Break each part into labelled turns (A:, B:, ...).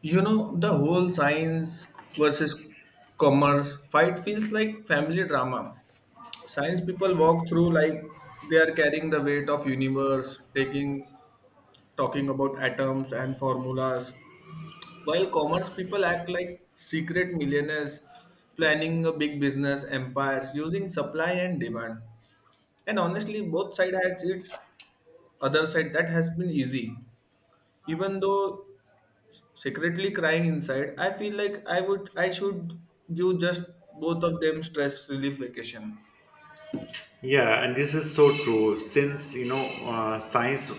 A: You know, the whole science versus commerce fight feels like family drama. Science people walk through like they are carrying the weight of universe, taking talking about atoms and formulas, while commerce people act like secret millionaires planning a big business empires using supply and demand. And honestly, both side has its other side that has been easy even though secretly crying inside, I feel like i should give just both of them stress relief vacation.
B: Yeah, and this is so true. Since science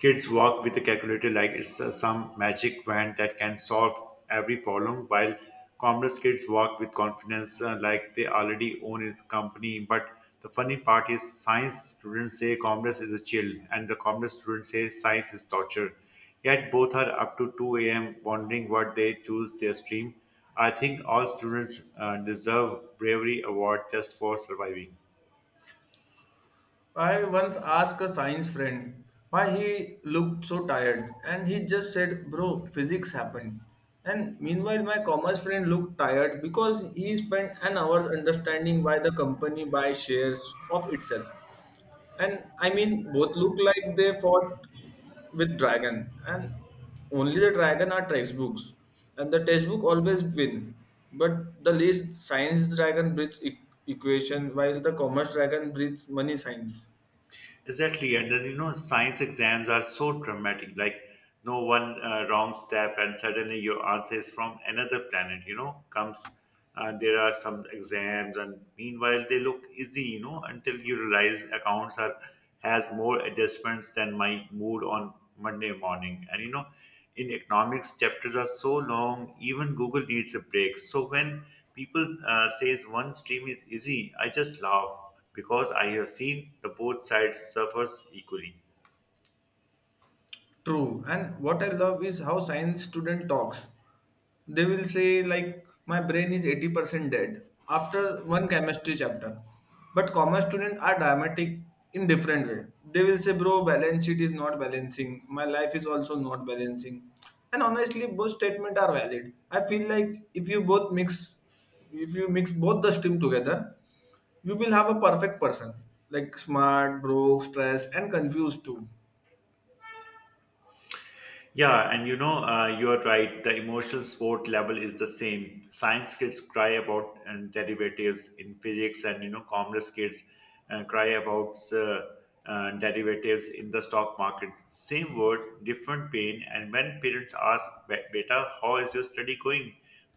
B: kids walk with a calculator like it's some magic wand that can solve every problem, while commerce kids walk with confidence like they already own a company. But the funny part is, science students say commerce is a chill, and the commerce students say science is torture. Yet both are up to 2 a.m. wondering what they choose their stream. I think all students deserve bravery award just for surviving.
A: I once asked a science friend why he looked so tired and he just said bro physics happened, and meanwhile my commerce friend looked tired because he spent an hour understanding why the company buys shares of itself. And I mean, both look like they fought with dragon, and only the dragon are textbooks, and the textbook always win. But the least science dragon breeds equation, while the commerce dragon breeds money science.
B: Exactly, and then science exams are so dramatic. Like, no one wrong step, and suddenly your answer is from another planet. Comes. There are some exams, and meanwhile they look easy. Until you realize accounts are has more adjustments than my mood on Monday morning. And in economics, chapters are so long. Even Google needs a break. So when people says one stream is easy, I just laugh because I have seen the both sides suffers equally.
A: True. And what I love is how science student talks. They will say like my brain is 80% dead after one chemistry chapter, but commerce students are dramatic in different way, they will say bro balance sheet is not balancing, my life is also not balancing. And honestly both statements are valid, I feel like if you mix both the stream together, you will have a perfect person, like smart, broke, stressed, and confused too.
B: Yeah, and you are right. The emotional support level is the same. Science kids cry about and derivatives in physics, and commerce kids cry about derivatives in the stock market. Same word, different pain. And when parents ask, Beta, how is your study going?"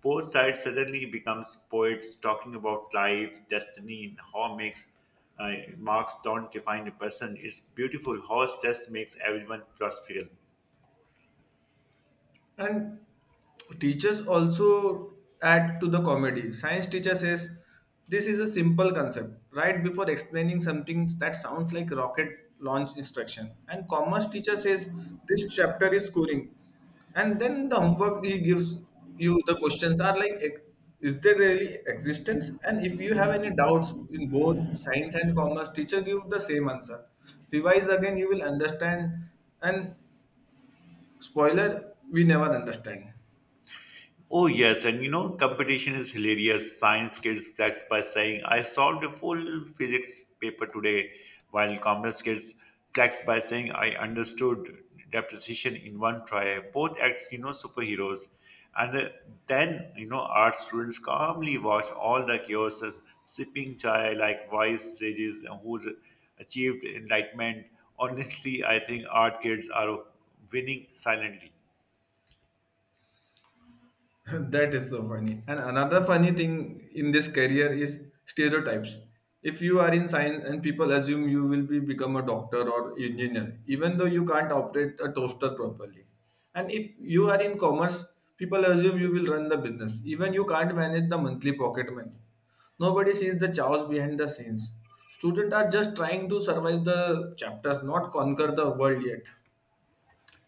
B: Both sides suddenly becomes poets talking about life, destiny, and how makes uh, marks don't define a person. It's beautiful how stress makes everyone philosophical.
A: And teachers also add to the comedy. Science teacher says this is a simple concept right before explaining something that sounds like rocket launch instruction. And commerce teacher says this chapter is scoring. And then the homework he gives you, the questions are like is there really existence? And if you have any doubts in both science and commerce, teacher give the same answer. Revise again, you will understand. And spoiler, we never understand.
B: Oh, yes, and competition is hilarious. Science kids flex by saying, I solved a full physics paper today, while commerce kids flex by saying, I understood depreciation in one try. Both acts, superheroes. And then, art students calmly watch all the chaos, sipping chai like wise sages who achieved enlightenment. Honestly, I think art kids are winning silently.
A: That is so funny. And another funny thing in this career is stereotypes. If you are in science and people assume you will be become a doctor or engineer, even though you can't operate a toaster properly. And if you are in commerce, people assume you will run the business, even you can't manage the monthly pocket money. Nobody sees the chaos behind the scenes. Students are just trying to survive the chapters, not conquer the world yet.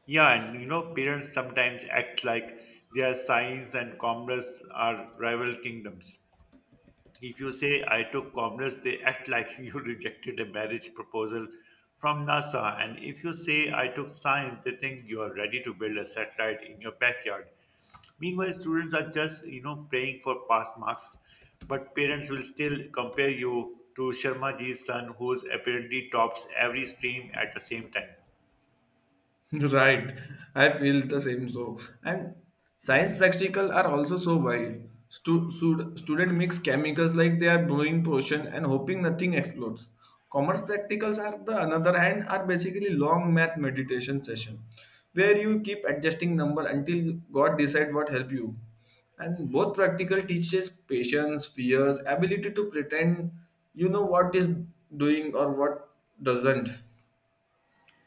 B: Yeah, and parents sometimes act like their science and commerce are rival kingdoms. If you say, I took commerce, they act like you rejected a marriage proposal from NASA. And if you say, I took science, they think you are ready to build a satellite in your backyard. Meanwhile, students are just, praying for pass marks, but parents will still compare you to Sharma ji's son, who's apparently tops every stream at the same time.
A: Right, I feel the same. So, and science practical are also so wild. Student mix chemicals like they are blowing potion and hoping nothing explodes. Commerce practicals are the another hand are basically long math meditation session, where you keep adjusting number until God decide what help you. And both practical teaches patience, fears, ability to pretend you know what is doing or what doesn't.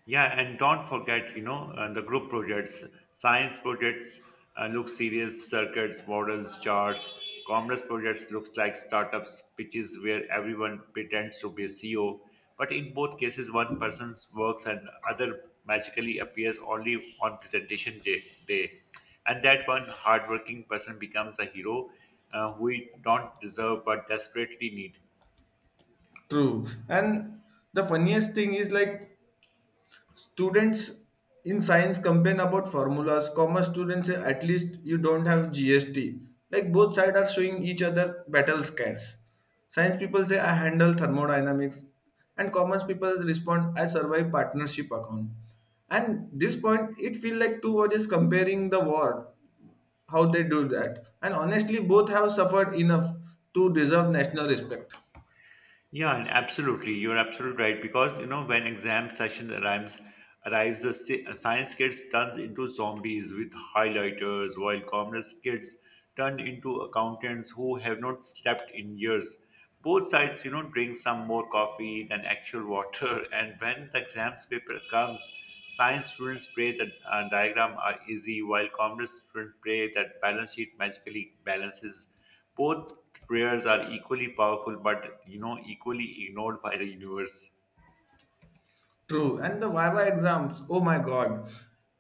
B: Yeah, and don't forget, the group projects, science projects look serious, circuits, models, charts. Commerce projects looks like startups pitches where everyone pretends to be a CEO, but in both cases, one person's works and other magically appears only on presentation day. And that one hardworking person becomes a hero who we don't deserve but desperately need.
A: True. And the funniest thing is like students in science complain about formulas. Commerce students say at least you don't have GST. Like both sides are showing each other battle scars. Science people say I handle thermodynamics and commerce people respond I survive partnership account. And this point it feels like two bodies comparing the war, how they do that. And honestly both have suffered enough to deserve national respect.
B: Yeah, and absolutely. You're absolutely right because when exam session arrives, the science kids turns into zombies with highlighters, while commerce kids turn into accountants who have not slept in years. Both sides, drink some more coffee than actual water, and when the exams paper comes, science students pray that diagram are easy, while commerce students pray that balance sheet magically balances. Both prayers are equally powerful, but equally ignored by the universe.
A: True. And the Viva exams, oh my God.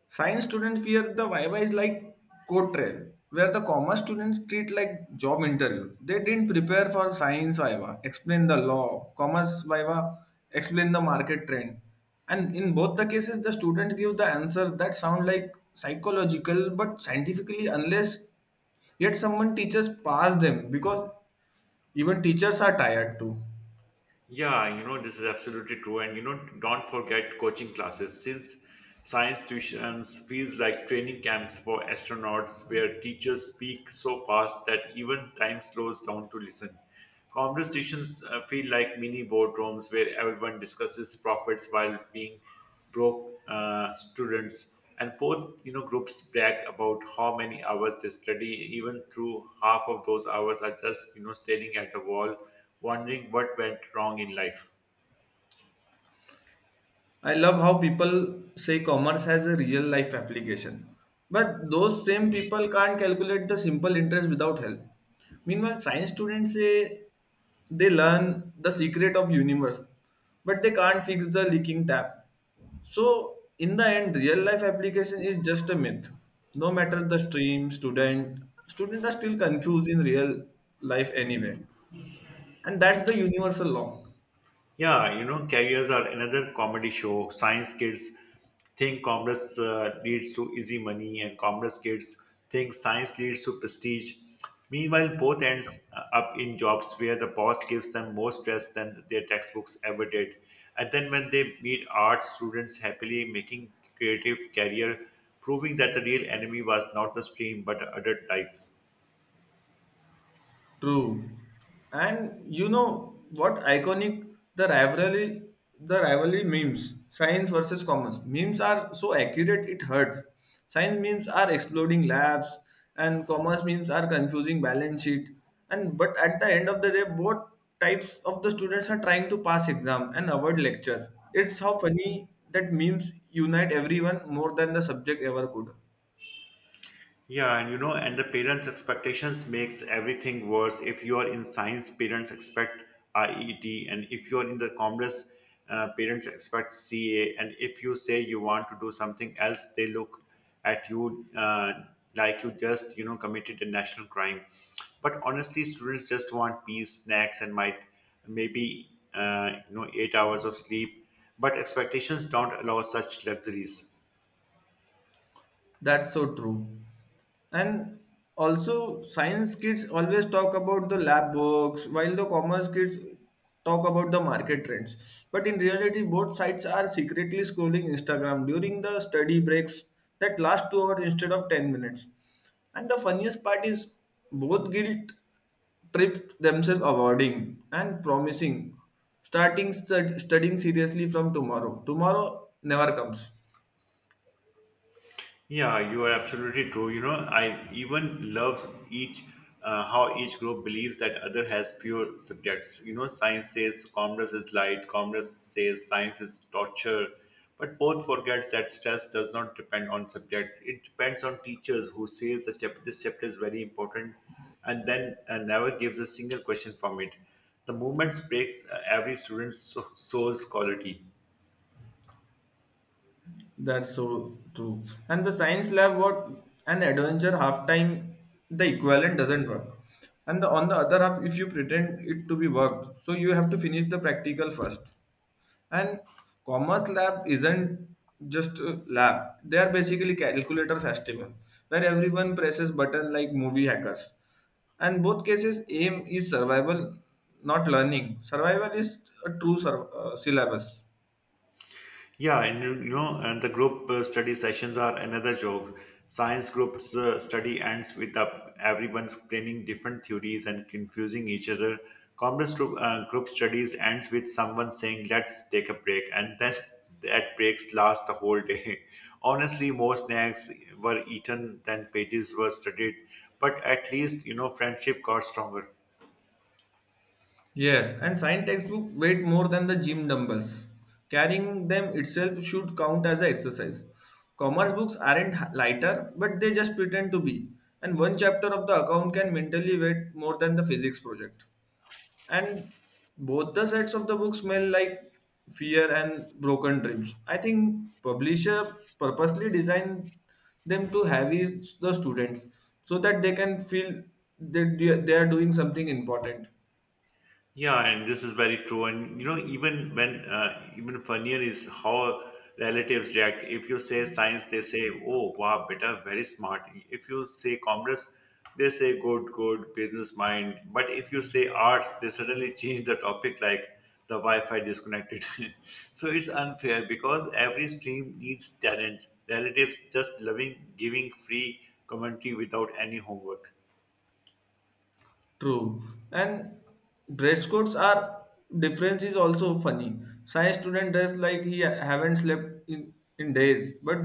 A: Science students fear the Viva is like code trail, where the commerce students treat like job interview. They didn't prepare for science Viva, explain the law, commerce Viva, explain the market trend. And in both the cases, the student give the answer that sound like psychological but scientifically unless, yet someone teachers pass them because even teachers are tired too.
B: Yeah, this is absolutely true. And don't forget coaching classes since science tuitions feels like training camps for astronauts where teachers speak so fast that even time slows down to listen. Conversations feel like mini boardrooms where everyone discusses profits while being broke students, and both groups brag about how many hours they study. Even through half of those hours are just staring at the wall, wondering what went wrong in life.
A: I love how people say commerce has a real life application. But those same people can't calculate the simple interest without help. Meanwhile, science students say they learn the secret of universe, but they can't fix the leaking tap. So in the end, real life application is just a myth. No matter the stream, students are still confused in real life anyway. And that's the universal law.
B: Yeah, carriers are another comedy show. Science kids think commerce leads to easy money, and commerce kids think science leads to prestige. Meanwhile, both ends up in jobs where the boss gives them more stress than their textbooks ever did. And then when they meet art students happily making creative career, proving that the real enemy was not the stream but adult life.
A: True. And you know what iconic, the rivalry the rivalry memes, science versus commerce. Memes are so accurate it hurts. Science memes are exploding labs and commerce memes are confusing balance sheet. And but at the end of the day, both types of the students are trying to pass exam and avoid lectures. It's how funny that memes unite everyone more than the subject ever could.
B: Yeah, and the parents' expectations makes everything worse. If you are in science, parents expect IET, and if you are in the commerce, parents expect CA. And if you say you want to do something else, they look at you like you just committed a national crime. But honestly, students just want peace, snacks, and might maybe you know 8 hours of sleep. But expectations don't allow such luxuries.
A: That's so true. And also, science kids always talk about the lab books, while the commerce kids talk about the market trends. But in reality, both sides are secretly scrolling Instagram during the study breaks that last 2 hours instead of 10 minutes. And the funniest part is both guilt tripped themselves awarding and promising starting studying seriously from tomorrow. Tomorrow never comes.
B: Yeah, you are absolutely true. I even love each how each group believes that other has fewer subjects. Science says commerce is light, commerce says science is torture, but both forgets that stress does not depend on subject. It depends on teachers who says this chapter is very important, and then never gives a single question from it. The movement breaks every student's soul's quality.
A: That's so true. And the science lab, what an adventure, half time the equivalent doesn't work. And the, on the other half, if you pretend it to be worked, so you have to finish the practical first. And commerce lab isn't just a lab; they are basically calculator festival where everyone presses button like movie hackers. And both cases, aim is survival, not learning. Survival is a true syllabus.
B: Yeah, and you know, and the group study sessions are another joke. Science groups study ends with up everyone explaining different theories and confusing each other. Commerce group studies ends with someone saying, "Let's take a break," and then that breaks last the whole day. Honestly, more snacks were eaten than pages were studied, but at least friendship got stronger.
A: Yes, and science textbook weight more than the gym dumbbells. Carrying them itself should count as an exercise. Commerce books aren't lighter, but they just pretend to be. And one chapter of the account can mentally weight more than the physics project. And both the sides of the book smell like fear and broken dreams. I think publisher purposely designed them to heavy the students so that they can feel that they are doing something important.
B: Yeah, and this is very true. And even when even funnier is how relatives react. If you say science, they say, "Oh, wow, beta, very smart." If you say commerce, they say, "Good, good, business mind." But if you say arts, they suddenly change the topic, like the Wi-Fi disconnected. So it's unfair because every stream needs talent. Relatives just loving giving free commentary without any homework.
A: True. And dress codes are difference is also funny. Science student dress like he haven't slept in days, but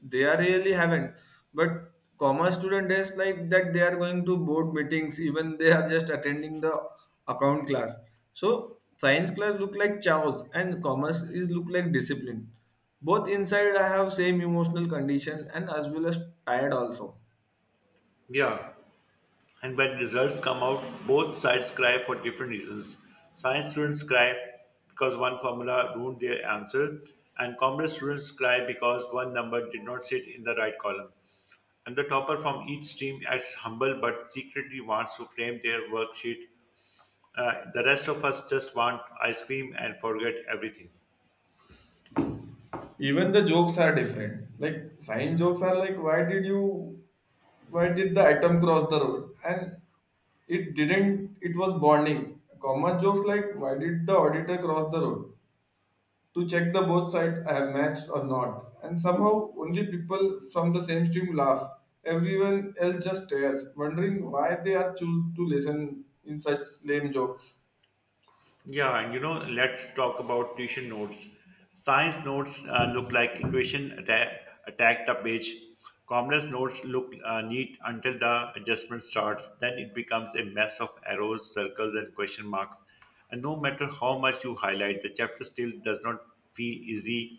A: they are really haven't. But commerce student dress like that they are going to board meetings, even they are just attending the account class. So science class look like chaos and commerce is look like discipline. Both inside I have same emotional condition and as well as tired also.
B: Yeah, and when results come out, both sides cry for different reasons. Science students cry because one formula ruined their answer, and commerce students cry because one number did not sit in the right column. And the topper from each stream acts humble but secretly wants to flame their worksheet. The rest of us just want ice cream and forget everything.
A: Even the jokes are different. Like science jokes are like, why did the atom cross the road? And it didn't. It was bonding. Commerce jokes like, why did the auditor cross the road? To check the both sides have matched or not. And somehow only people from the same stream laugh. Everyone else just stares, wondering why they are choose to listen in such lame jokes.
B: Yeah, and let's talk about tuition notes. Science notes look like equation attack the page. Commerce notes look neat until the adjustment starts. Then it becomes a mess of arrows, circles, and question marks. And no matter how much you highlight, the chapter still does not feel easy.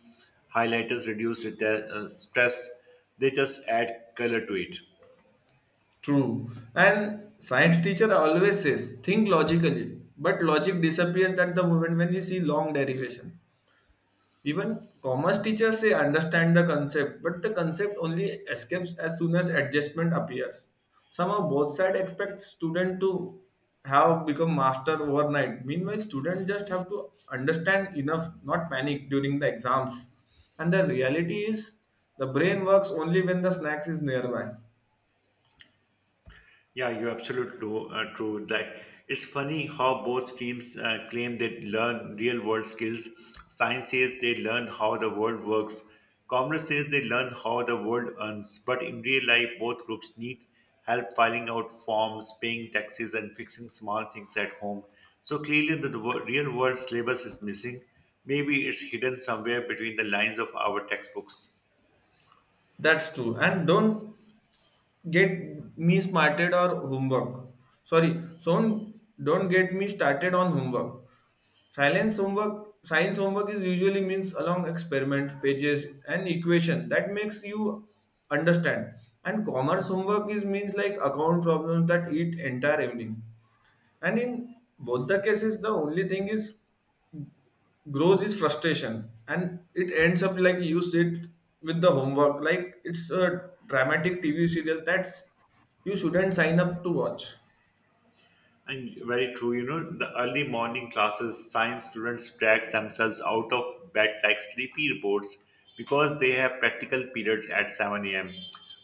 B: Highlighters reduce stress; they just add color to it.
A: True. And science teacher always says, think logically. But logic disappears at the moment when you see long derivation. Even commerce teachers say understand the concept, but the concept only escapes as soon as adjustment appears. Somehow both sides expect student to have become master overnight. Meanwhile, student just have to understand enough, not panic during the exams. And the reality is the brain works only when the snacks is nearby.
B: Yeah, you're absolutely true. True. Like, it's funny how both teams claim they learn real world skills. Science says they learn how the world works. Commerce says they learn how the world earns. But in real life, both groups need help filing out forms, paying taxes, and fixing small things at home. So clearly, the real world syllabus is missing. Maybe it's hidden somewhere between the lines of our textbooks.
A: That's true. And don't get me smarted or homework. Sorry, so don't get me started on homework. Silence homework, science homework is usually means along experiments, pages, and equation that makes you understand. And commerce homework is means like account problems that eat entire evening. And in both the cases, the only thing is grows is frustration, and it ends up like you sit with the homework like it's a dramatic tv serial that's you shouldn't sign up to watch.
B: And very true, the early morning classes, science students drag themselves out of bed like sleepy robots because they have practical periods at 7 a.m.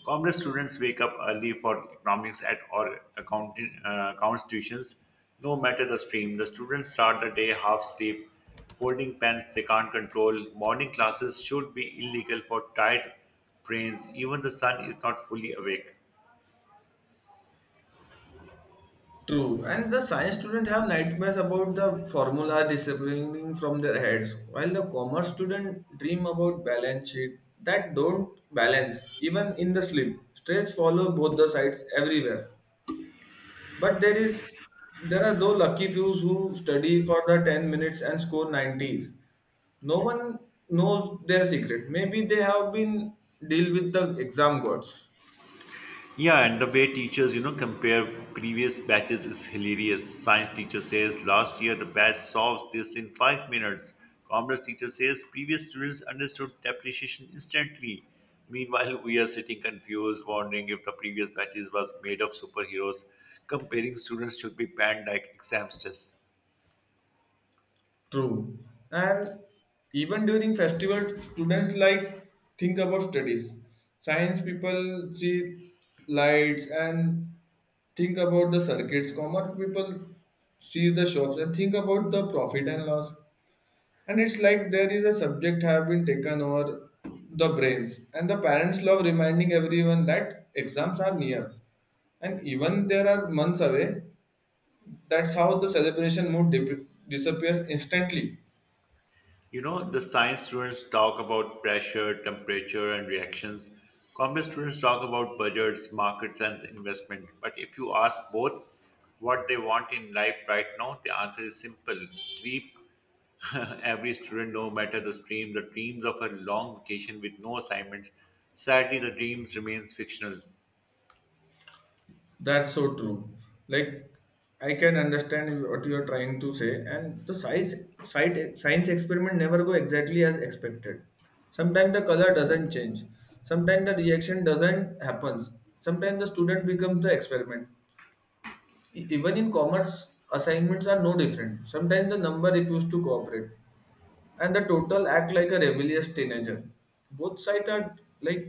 B: Commerce students wake up early for economics at or accounting accounts tuitions, no matter the stream. The students start the day half asleep, holding pens they can't control. Morning classes should be illegal for tired brains. Even the sun is not fully awake.
A: True and the science student have nightmares about the formula disappearing from their heads while the commerce student dream about balance sheet that don't balance even in the sleep, stress follow both the sides everywhere. But there is there are though lucky few who study for the 10 minutes and score 90's. No one knows their secret. Maybe they have been deal with the exam gods.
B: Yeah, and the way teachers, compare previous batches is hilarious. Science teacher says last year the batch solves this in 5 minutes. Commerce teacher says previous students understood depreciation instantly. Meanwhile, we are sitting confused, wondering if the previous batches was made of superheroes. Comparing students should be banned like exam stress.
A: True. And even during festival, students like think about studies. Science people see lights and think about the circuits. Commerce people see the shops and think about the profit and loss. And it's like there is a subject have been taken over the brains, and the parents love reminding everyone that exams are near, and even there are months away. That's how the celebration disappears instantly.
B: The science students talk about pressure, temperature, and reactions. Commerce students talk about budgets, markets, and investment. But if you ask both what they want in life right now, the answer is simple sleep. Every student, no matter the stream, the dreams of a long vacation with no assignments. Sadly, the dreams remains fictional.
A: That's so true. Like I can understand what you are trying to say, and the size site science experiment never go exactly as expected. Sometimes the color doesn't change. Sometimes the reaction doesn't happens. Sometimes the student becomes the experiment. Even in commerce assignments are no different, sometimes the number refuse to cooperate and the total act like a rebellious teenager. Both sides are like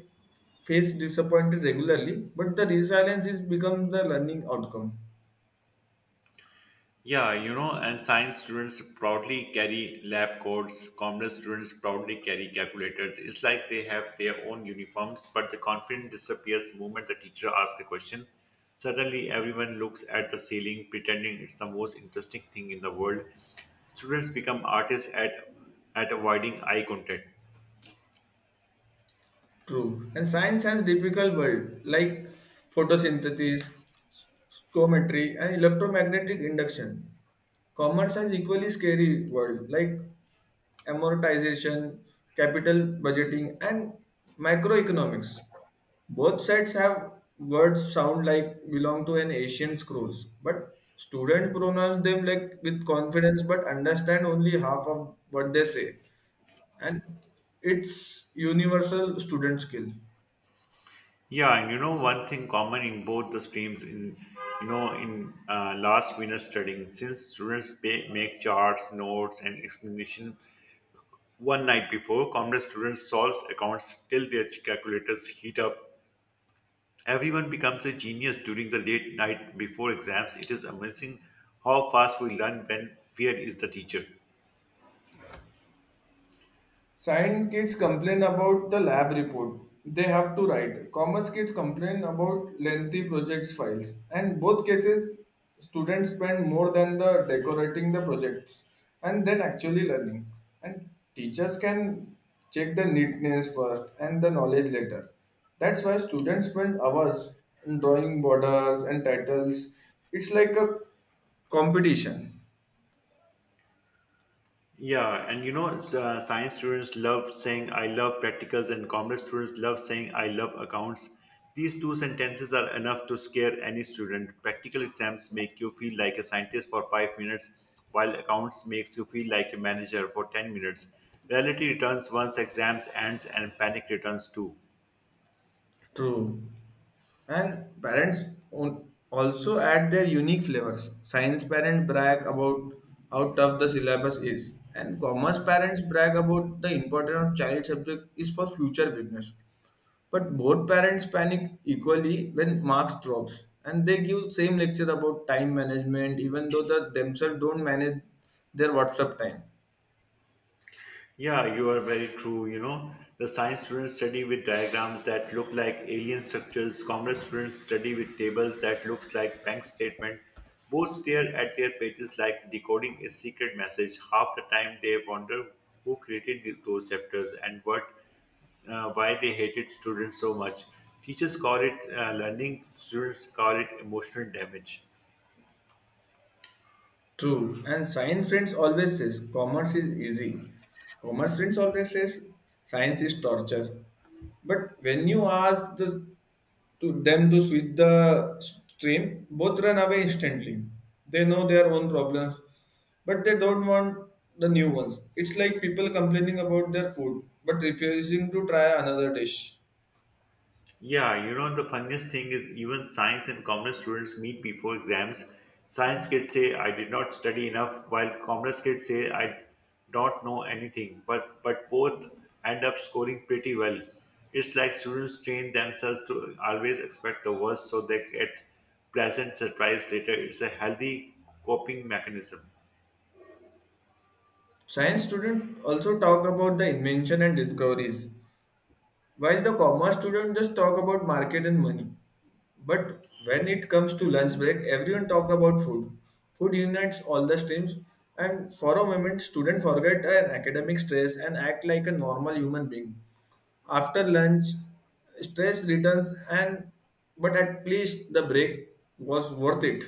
A: face disappointed regularly, but the resilience is become the learning outcome.
B: Yeah, and science students proudly carry lab coats, commerce students proudly carry calculators. It's like they have their own uniforms, but the confidence disappears the moment the teacher asks a question. Suddenly, everyone looks at the ceiling, pretending it's the most interesting thing in the world. Students become artists at avoiding eye contact.
A: True. And science has difficult world like photosynthesis, scometry, and electromagnetic induction. Commerce has equally scary world like amortization, capital budgeting, and macroeconomics. Both sides have words sound like belong to an Asian scrolls, but students pronounce them like with confidence but understand only half of what they say. And it's universal student skill.
B: Yeah, and you know one thing common in both the streams in you know in last minute studying since students pay, make charts, notes, and explanation. One night before, commerce students solves accounts till their calculators heat up. Everyone becomes a genius during the late night before exams. It is amazing how fast we learn when fear is the teacher.
A: Science kids complain about the lab report they have to write. Commerce kids complain about lengthy projects files. And both cases, students spend more than the decorating the projects and then actually learning. And teachers can check the neatness first and the knowledge later. That's why students spend hours drawing borders and titles. It's like a competition.
B: Yeah, and you know, science students love saying "I love practicals," and commerce students love saying "I love accounts." These two sentences are enough to scare any student. Practical exams make you feel like a scientist for 5 minutes, while accounts makes you feel like a manager for 10 minutes. Reality returns once exams ends, and panic returns too.
A: True. And parents also add their unique flavors. Science parents brag about how tough the syllabus is, and commerce parents brag about the importance of child subject is for future business. But both parents panic equally when marks drops, and they give same lecture about time management, even though the themselves don't manage their WhatsApp time.
B: Yeah, you are very true. You know, the science students study with diagrams that look like alien structures. Commerce students study with tables that looks like bank statement. Both stare at their pages like decoding a secret message. Half the time they wonder who created those chapters and what why they hated students so much. Teachers call it learning, students call it emotional damage.
A: True. And science friends always says commerce is easy. Commerce friends always says science is torture. But when you ask the, to them to switch the stream, both run away instantly. They know their own problems, but they don't want the new ones. It's like people complaining about their food but refusing to try another dish.
B: Yeah, you know, the funniest thing is even science and commerce students meet before exams. Science kids say, I did not study enough, while commerce kids say, I don't know anything. But both end up scoring pretty well. It's like students train themselves to always expect the worst so they get pleasant surprise later. It's a healthy coping mechanism.
A: Science students also talk about the invention and discoveries. While the commerce student just talk about market and money, but when it comes to lunch break, everyone talk about food. Food unites all the streams, and for a moment, students forget an academic stress and act like a normal human being. After lunch, stress returns, and but at least the break was worth it.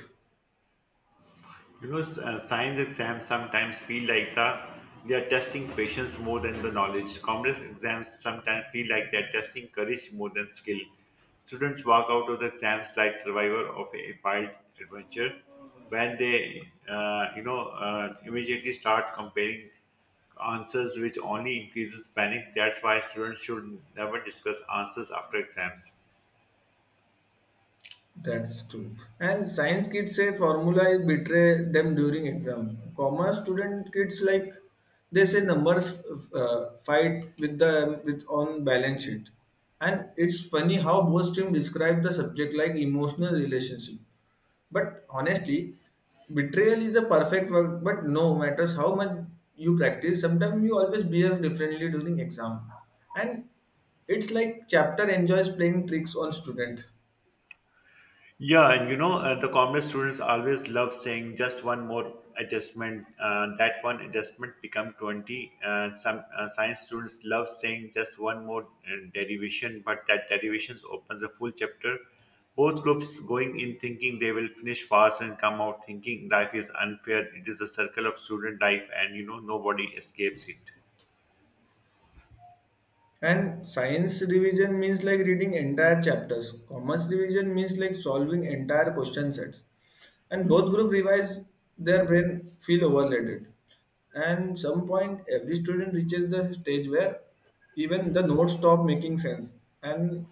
B: You know, science exams sometimes feel like they are testing patience more than the knowledge. Commerce exams sometimes feel like they are testing courage more than skill. Students walk out of the exams like survivor of a wild adventure when they immediately start comparing answers, which only increases panic. That's why students should never discuss answers after exams.
A: That's true. And science kids say formula betray them during exams. Commerce student kids like they say number fight with the with on balance sheet. And it's funny how both team describe the subject like emotional relationship. But honestly, betrayal is a perfect word. But no matters how much you practice, sometimes you always behave differently during exam. And it's like chapter enjoys playing tricks on student.
B: Yeah, and you know, the commerce students always love saying just one more adjustment. That one adjustment become 20. Some science students love saying just one more derivation, but that derivation opens a full chapter. Both groups going in thinking they will finish fast and come out thinking life is unfair. It is a circle of student life, and you know, nobody escapes it.
A: And science revision means like reading entire chapters. Commerce revision means like solving entire question sets. And both group revise their brain feel overloaded. And some point every student reaches the stage where even the notes stop making sense. And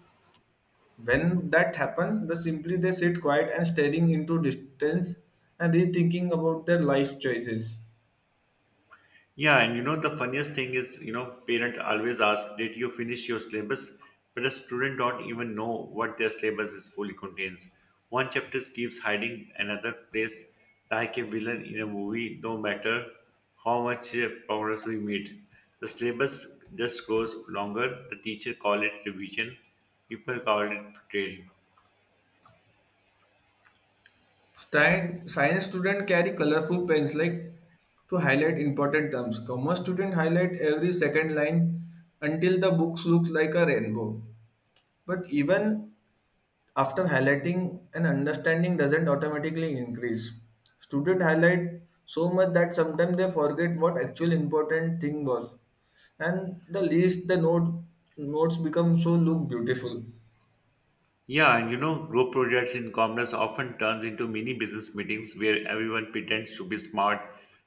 A: when that happens, the simply they sit quiet and staring into distance and rethinking about their life choices.
B: Yeah, and you know the funniest thing is, you know, parent always ask, "Did you finish your syllabus?" But a student don't even know what their syllabus is fully contains. One chapter keeps hiding another place, like a villain in a movie. No matter how much progress we made, the syllabus just grows longer. The teacher call it revision, people call it betrayal.
A: Science students carry colorful pens like to highlight important terms. Commerce students highlight every second line until the books looks like a rainbow. But even after highlighting, an understanding doesn't automatically increase. Students highlight so much that sometimes they forget what actual important thing was, and the list, the note, notes become so look beautiful.
B: Yeah, and you know, group projects in commerce often turns into mini business meetings where everyone pretends to be smart.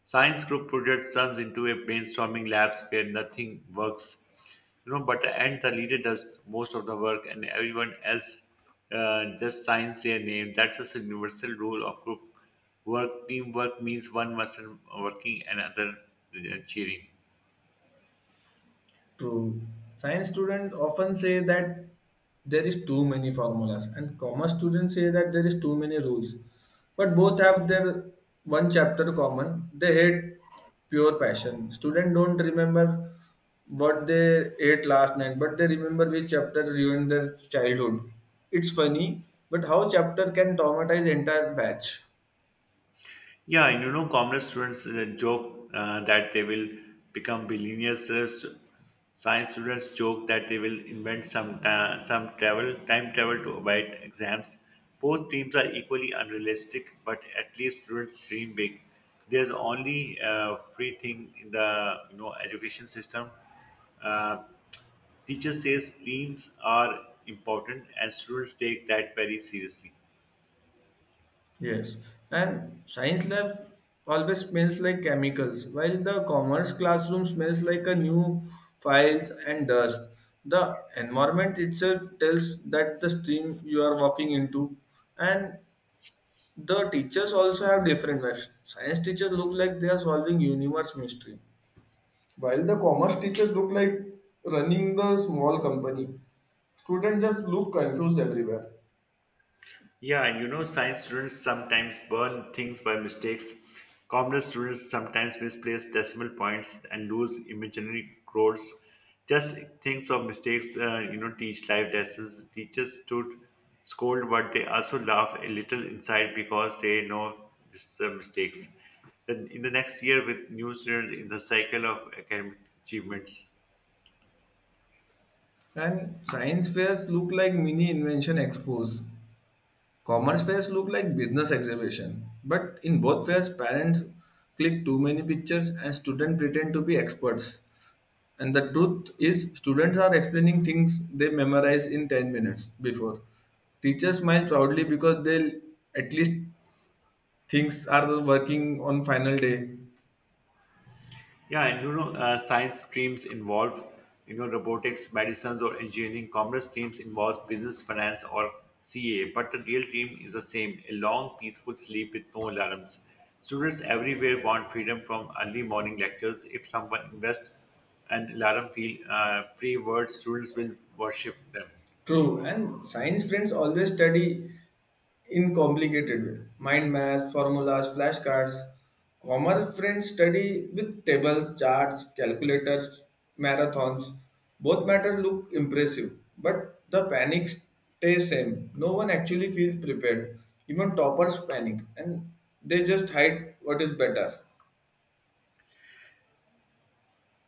B: Science group project turns into a brainstorming labs where nothing works. You know, but the end the leader does most of the work and everyone else just signs their name. That's just a universal rule of group work. Teamwork means one person working and other cheering.
A: True. Science students often say that there is too many formulas, and commerce students say that there is too many rules. But both have their one chapter common. They hate pure passion. Students don't remember what they ate last night, but they remember which chapter ruined their childhood. It's funny, but how chapter can traumatize entire batch?
B: Yeah, and you know, commerce students joke that they will become billionaires. Science students joke that they will invent some travel time travel to avoid exams. Both dreams are equally unrealistic, but at least students dream big. There's only free thing in the education system. Uh, Teacher says dreams are important, and students take that very seriously.
A: Yes, and science lab always smells like chemicals, while the commerce classroom smells like a new files and dust. The environment itself tells that the stream you are walking into, and the teachers also have different ways. Science teachers look like they are solving universe mystery, while the commerce teachers look like running the small company. Students just look confused everywhere.
B: Yeah, and you know, science students sometimes burn things by mistakes. Commerce students sometimes misplace decimal points and lose imaginary roads. Just things of mistakes, teach life lessons. Teachers should scold, but they also laugh a little inside because they know this is mistakes. Then in the next year, with new students in the cycle of academic achievements.
A: And science fairs look like mini invention expos. Commerce fairs look like business exhibition, but in both fairs, parents click too many pictures and students pretend to be experts. And the truth is, students are explaining things they memorize in 10 minutes before. Teachers smile proudly because they at least things are working on final day.
B: Yeah, and you know, science streams involve, you know, robotics, medicines, or engineering. Commerce teams involves business, finance, or CA. But the real dream is the same: a long, peaceful sleep with no alarms. Students everywhere want freedom from early morning lectures. If someone invests an alarm feel, free word, students will worship them.
A: True, and science friends always study in complicated way. Mind math, formulas, flashcards. Commerce friends study with tables, charts, calculators, marathons. Both matter look impressive, but the panic stays same. No one actually feels prepared. Even toppers panic and they just hide what is better.